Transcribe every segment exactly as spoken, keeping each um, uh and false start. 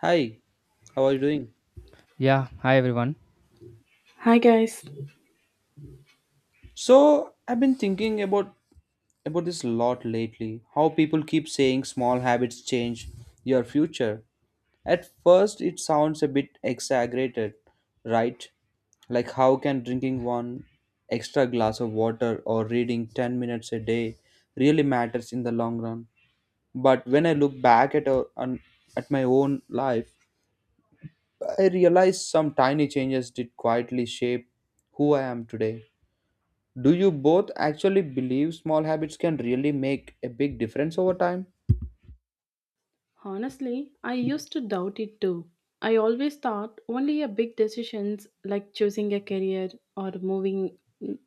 Hi, how are you doing? Yeah, hi everyone. Hi guys. So, I've been thinking about about this a lot lately. How people keep saying small habits change your future. At first, it sounds a bit exaggerated, right? Like how can drinking one extra glass of water or reading ten minutes a day really matters in the long run? But when I look back at our, on, at my own life, I realize some tiny changes did quietly shape who I am today. Do you both actually believe small habits can really make a big difference over time? Honestly, I used to doubt it too. I always thought only a big decisions like choosing a career or moving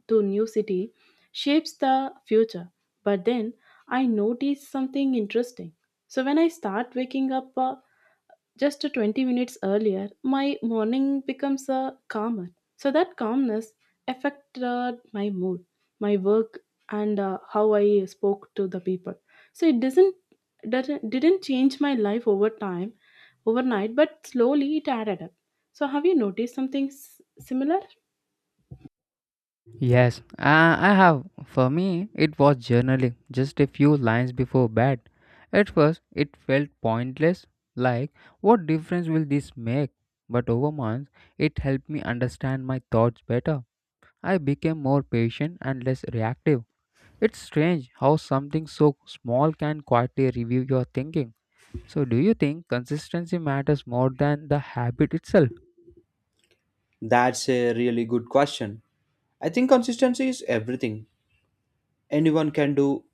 to new city shapes the future. But then I noticed something interesting. So when I start waking up uh, just twenty minutes earlier, my morning becomes uh, calmer. So that calmness affected my mood, my work, and uh, how I spoke to the people. So it doesn't doesn't didn't change my life over time overnight, but slowly it added up. So have you noticed something s- similar? Yes, I, I have. For me, it was journaling, just a few lines before bed. At first, it felt pointless, like, what difference will this make? But over months, it helped me understand my thoughts better. I became more patient and less reactive. It's strange how something so small can quietly review your thinking. So, do you think consistency matters more than the habit itself? That's a really good question. I think consistency is everything. Anyone can do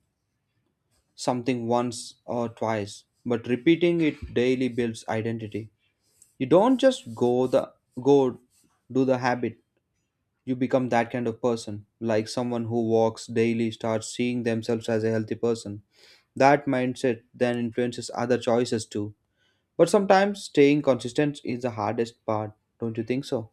something once or twice, but repeating it daily builds identity. You don't just go the go do the habit. You become that kind of person. Like someone who walks daily starts seeing themselves as a healthy person. That mindset then influences other choices too. But sometimes staying consistent is the hardest part, don't you think so?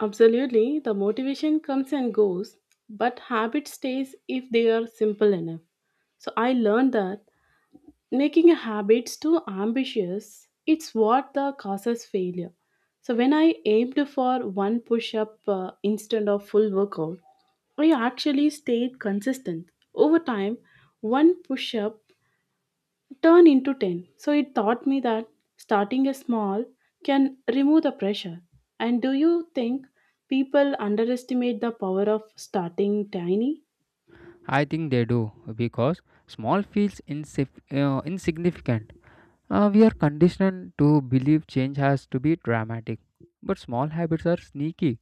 Absolutely, the motivation comes and goes, but habit stays if they are simple enough. So I learned that making a habits too ambitious it's what the causes failure. So when I aimed for one push up uh, instead of full workout, I actually stayed consistent over time. One push up turned into ten. So it taught me that starting a small can remove the pressure. And do you think people underestimate the power of starting tiny? I think they do because small feels insif- uh, insignificant. Uh, we are conditioned to believe change has to be dramatic, but small habits are sneaky.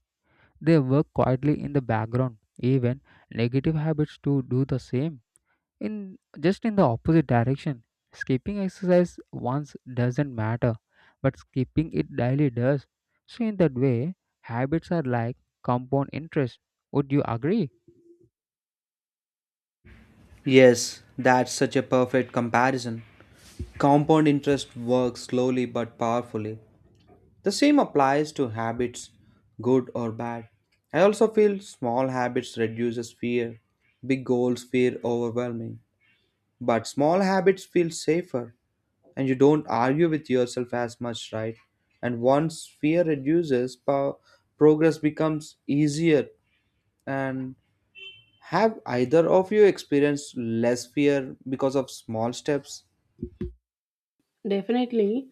They work quietly in the background. Even negative habits to do the same in just in the opposite direction, skipping exercise once doesn't matter, but skipping it daily does. So in that way, habits are like compound interest. Would you agree? Yes, that's such a perfect comparison. Compound interest works slowly but powerfully. The same applies to habits, good or bad. I also feel small habits reduces fear. Big goals feel overwhelming. But small habits feel safer, and you don't argue with yourself as much, right? And once fear reduces, po- progress becomes easier, and have either of you experienced less fear because of small steps? Definitely,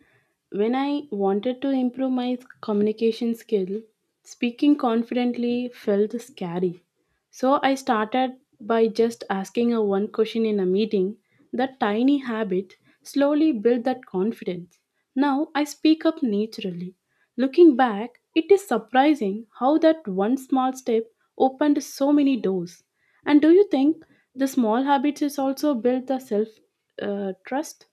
when I wanted to improve my communication skill, speaking confidently felt scary. So I started by just asking a one question in a meeting. That tiny habit slowly built that confidence. Now I speak up naturally. Looking back, it is surprising how that one small step opened so many doors. And do you think the small habits is also built the self uh, trust?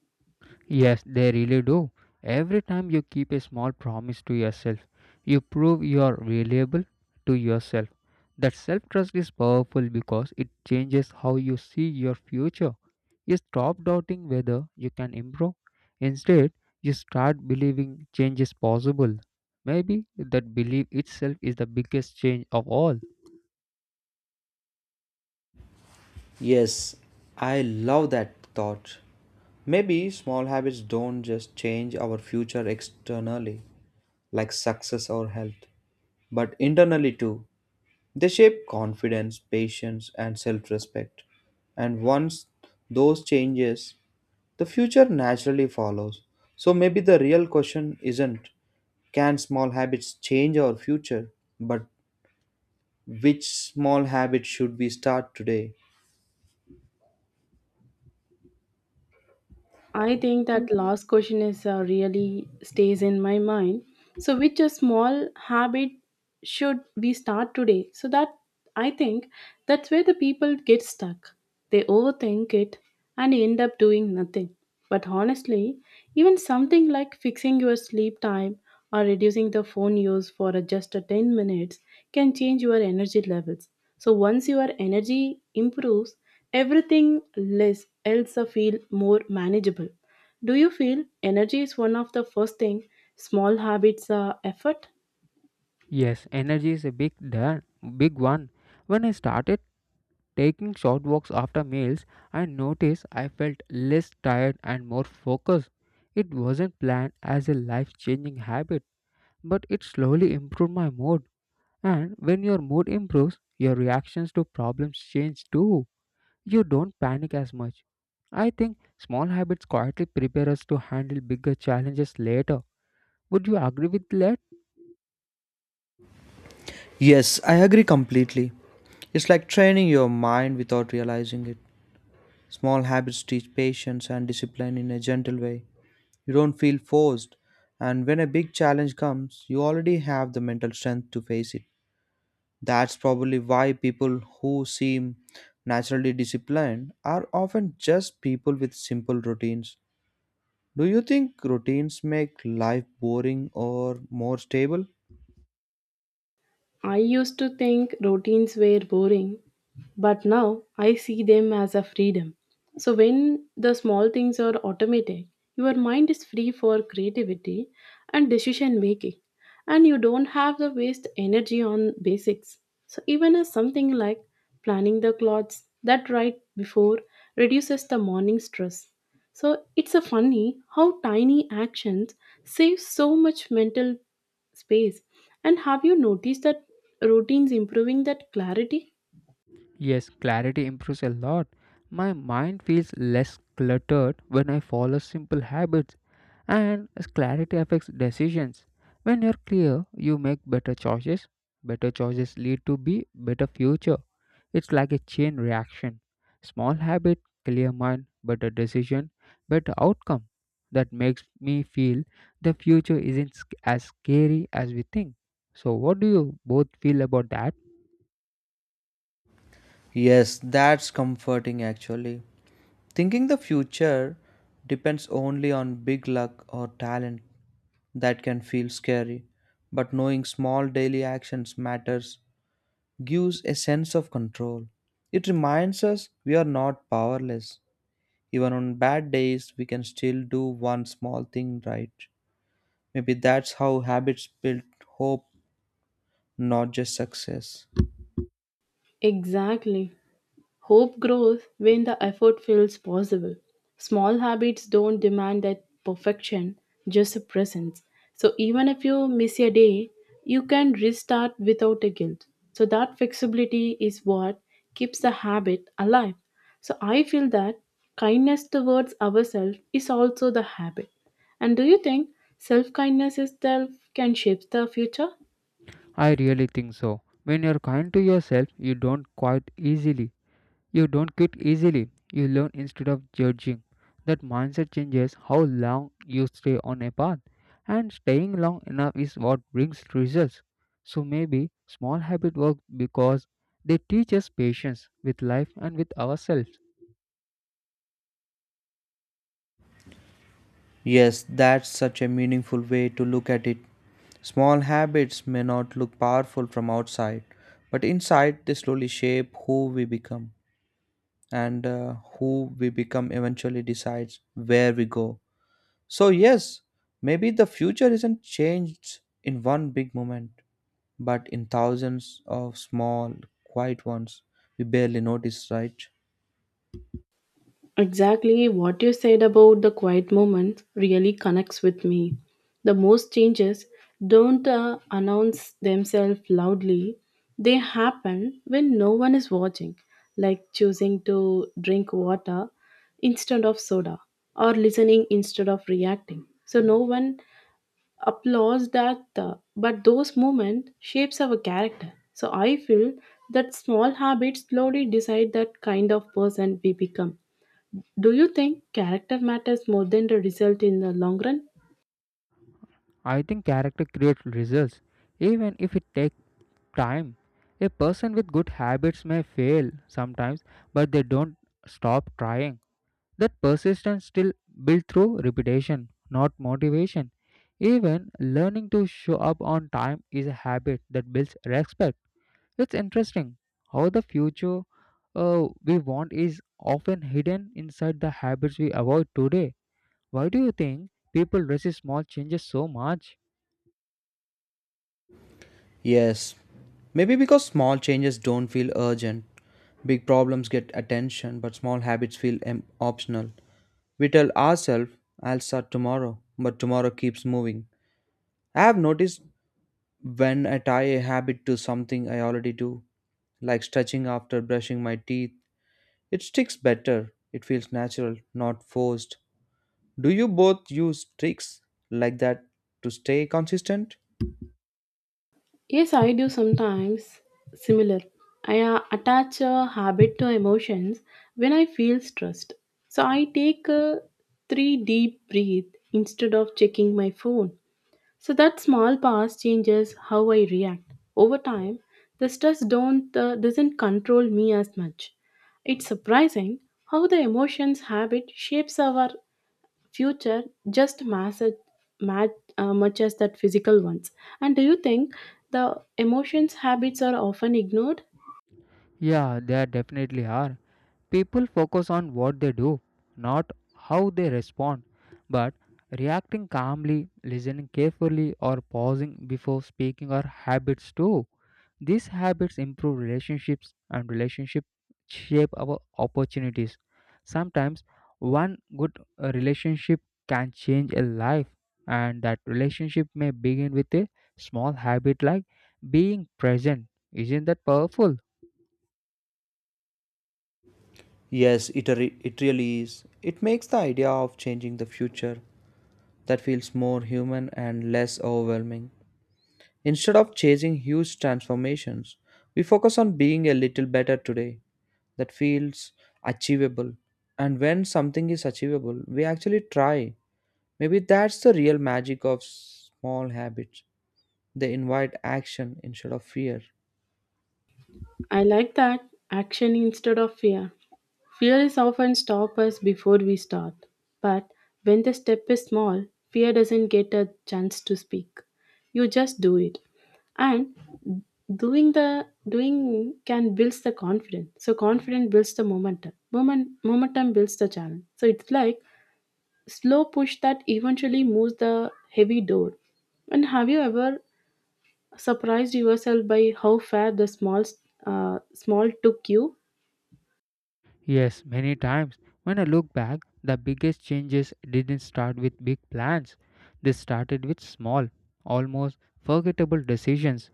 Yes, they really do. Every time you keep a small promise to yourself, you prove you are reliable to yourself. That self trust is powerful because it changes how you see your future. You stop doubting whether you can improve. Instead, you start believing change is possible. Maybe that belief itself is the biggest change of all. Yes, I love that thought. Maybe small habits don't just change our future externally, like success or health, but internally too. They shape confidence, patience, and self respect. And once those changes, the future naturally follows. So maybe the real question isn't can small habits change our future, but which small habit should we start today? I think that last question is uh, really stays in my mind. So, which a small habit should we start today? So that I think that's where the people get stuck. They overthink it and end up doing nothing. But honestly, even something like fixing your sleep time or reducing the phone use for a just a ten minutes can change your energy levels. So once your energy improves, everything less else feel more manageable. Do you feel energy is one of the first thing small habits are effort? Yes, energy is a big da- big one. When I started taking short walks after meals, I noticed I felt less tired and more focused. It wasn't planned as a life-changing habit, but it slowly improved my mood. And when your mood improves, your reactions to problems change too. You don't panic as much. I think small habits quietly prepare us to handle bigger challenges later. Would you agree with that? Yes, I agree completely. It's like training your mind without realizing it. Small habits teach patience and discipline in a gentle way. You don't feel forced, and when a big challenge comes, you already have the mental strength to face it. That's probably why people who seem naturally disciplined are often just people with simple routines. Do you think routines make life boring or more stable? I used to think routines were boring, but now I see them as a freedom. So when the small things are automated, your mind is free for creativity and decision making, and you don't have to waste energy on basics. So even as something like planning the clothes that right before reduces the morning stress. So it's a funny how tiny actions save so much mental space. And have you noticed that routines improving that clarity? Yes, clarity improves a lot. My mind feels less cluttered when I follow simple habits, and as clarity affects decisions. When you're clear, you make better choices. Better choices lead to be better future. It's like a chain reaction. Small habit, clear mind, better decision, better outcome. That makes me feel the future isn't sc- as scary as we think. So, what do you both feel about that? Yes, that's comforting actually. Thinking the future depends only on big luck or talent that can feel scary, but knowing small daily actions matters gives a sense of control. It reminds us we are not powerless. Even on bad days, we can still do one small thing right. Maybe that's how habits build hope, not just success. Exactly. Hope grows when the effort feels possible. Small habits don't demand that perfection, just a presence. So even if you miss a day, you can restart without a guilt. So that flexibility is what keeps the habit alive. So I feel that kindness towards ourselves is also the habit. And do you think self kindness itself can shape the future? I really think so. When you're kind to yourself, you don't quite easily. You don't quit easily, you learn instead of judging. That mindset changes how long you stay on a path, and staying long enough is what brings results. So maybe small habit work because they teach us patience with life and with ourselves. Yes, that's such a meaningful way to look at it. Small habits may not look powerful from outside, but inside they slowly shape who we become, and uh, who we become eventually decides where we go. So, yes, maybe the future isn't changed in one big moment, but in thousands of small, quiet ones we barely notice, right? Exactly what you said about the quiet moments really connects with me. The most changes don't uh, announce themselves loudly, they happen when no one is watching, like choosing to drink water instead of soda or listening instead of reacting. So no one applauds that, uh, but those moments shapes our character. So I feel that small habits slowly decide that kind of person we become. Do you think character matters more than the result in the long run? I think character creates results, even if it takes time. A person with good habits may fail sometimes, but they don't stop trying. That persistence still built through repetition, not motivation. Even learning to show up on time is a habit that builds respect. It's interesting how the future uh, we want is often hidden inside the habits we avoid today. Why do you think people resist small changes so much? Yes, maybe because small changes don't feel urgent. Big problems get attention, but small habits feel em- optional. We tell ourselves, I'll start tomorrow, but tomorrow keeps moving. I have noticed when I tie a habit to something I already do, like stretching after brushing my teeth, it sticks better. It feels natural, not forced. Do you both use tricks like that to stay consistent? Yes, I do sometimes. Similar. I uh, attach a habit to emotions when I feel stressed. So I take a three deep breath instead of checking my phone. So that small pause changes how I react. Over time, the stress don't uh, doesn't control me as much. It's surprising how the emotions habit shapes our future just mass as mat, uh, much as that physical ones. And do you think the emotions habits are often ignored? Yeah, there definitely are. People focus on what they do, not how they respond. But reacting calmly, listening carefully, or pausing before speaking are habits too. These habits improve relationships, and relationships shape our opportunities. Sometimes one good uh, relationship can change a life, and that relationship may begin with a small habit like being present. Isn't that powerful? Yes, it, re- it really is. It makes the idea of changing the future that feels more human and less overwhelming. Instead of chasing huge transformations, we focus on being a little better today, that feels achievable. And when something is achievable, we actually try. Maybe that's the real magic of small habits. They invite action instead of fear. I like that, action instead of fear. Fear is often stop us before we start, but when the step is small, fear doesn't get a chance to speak. You just do it, and doing the doing can builds the confidence. So confidence builds the momentum Moment, momentum builds the challenge. So it's like slow push that eventually moves the heavy door. And have you ever surprised yourself by how far the small uh, small took you? Yes, many times. When I look back, the biggest changes didn't start with big plans. They started with small, almost forgettable decisions.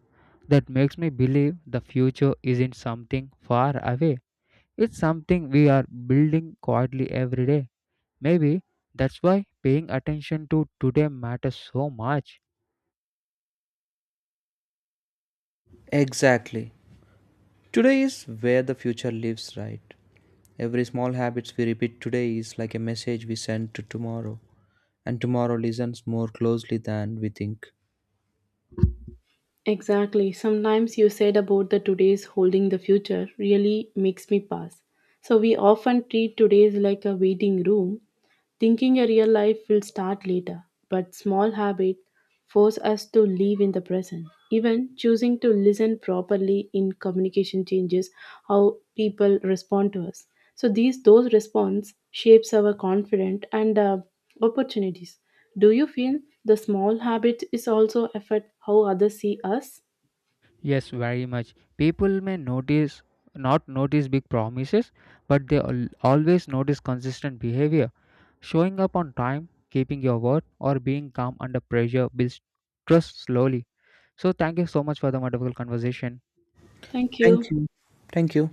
That makes me believe the future isn't something far away. It's something we are building quietly every day. Maybe that's why paying attention to today matters so much. Exactly. Today is where the future lives, right? Every small habits we repeat today is like a message we send to tomorrow, and tomorrow listens more closely than we think. Exactly. Sometimes you said about the today's holding the future really makes me pass. So we often treat today's like a waiting room, thinking your real life will start later, but small habits force us to live in the present. Even choosing to listen properly in communication changes how people respond to us. So these those response shapes our confidence and uh, opportunities. Do you feel the small habit is also affect how others see us? Yes, very much. People may notice not notice big promises, but they al- always notice consistent behavior. Showing up on time, keeping your word, or being calm under pressure builds trust slowly. So, thank you so much for the wonderful conversation. Thank Thank you. you. Thank you.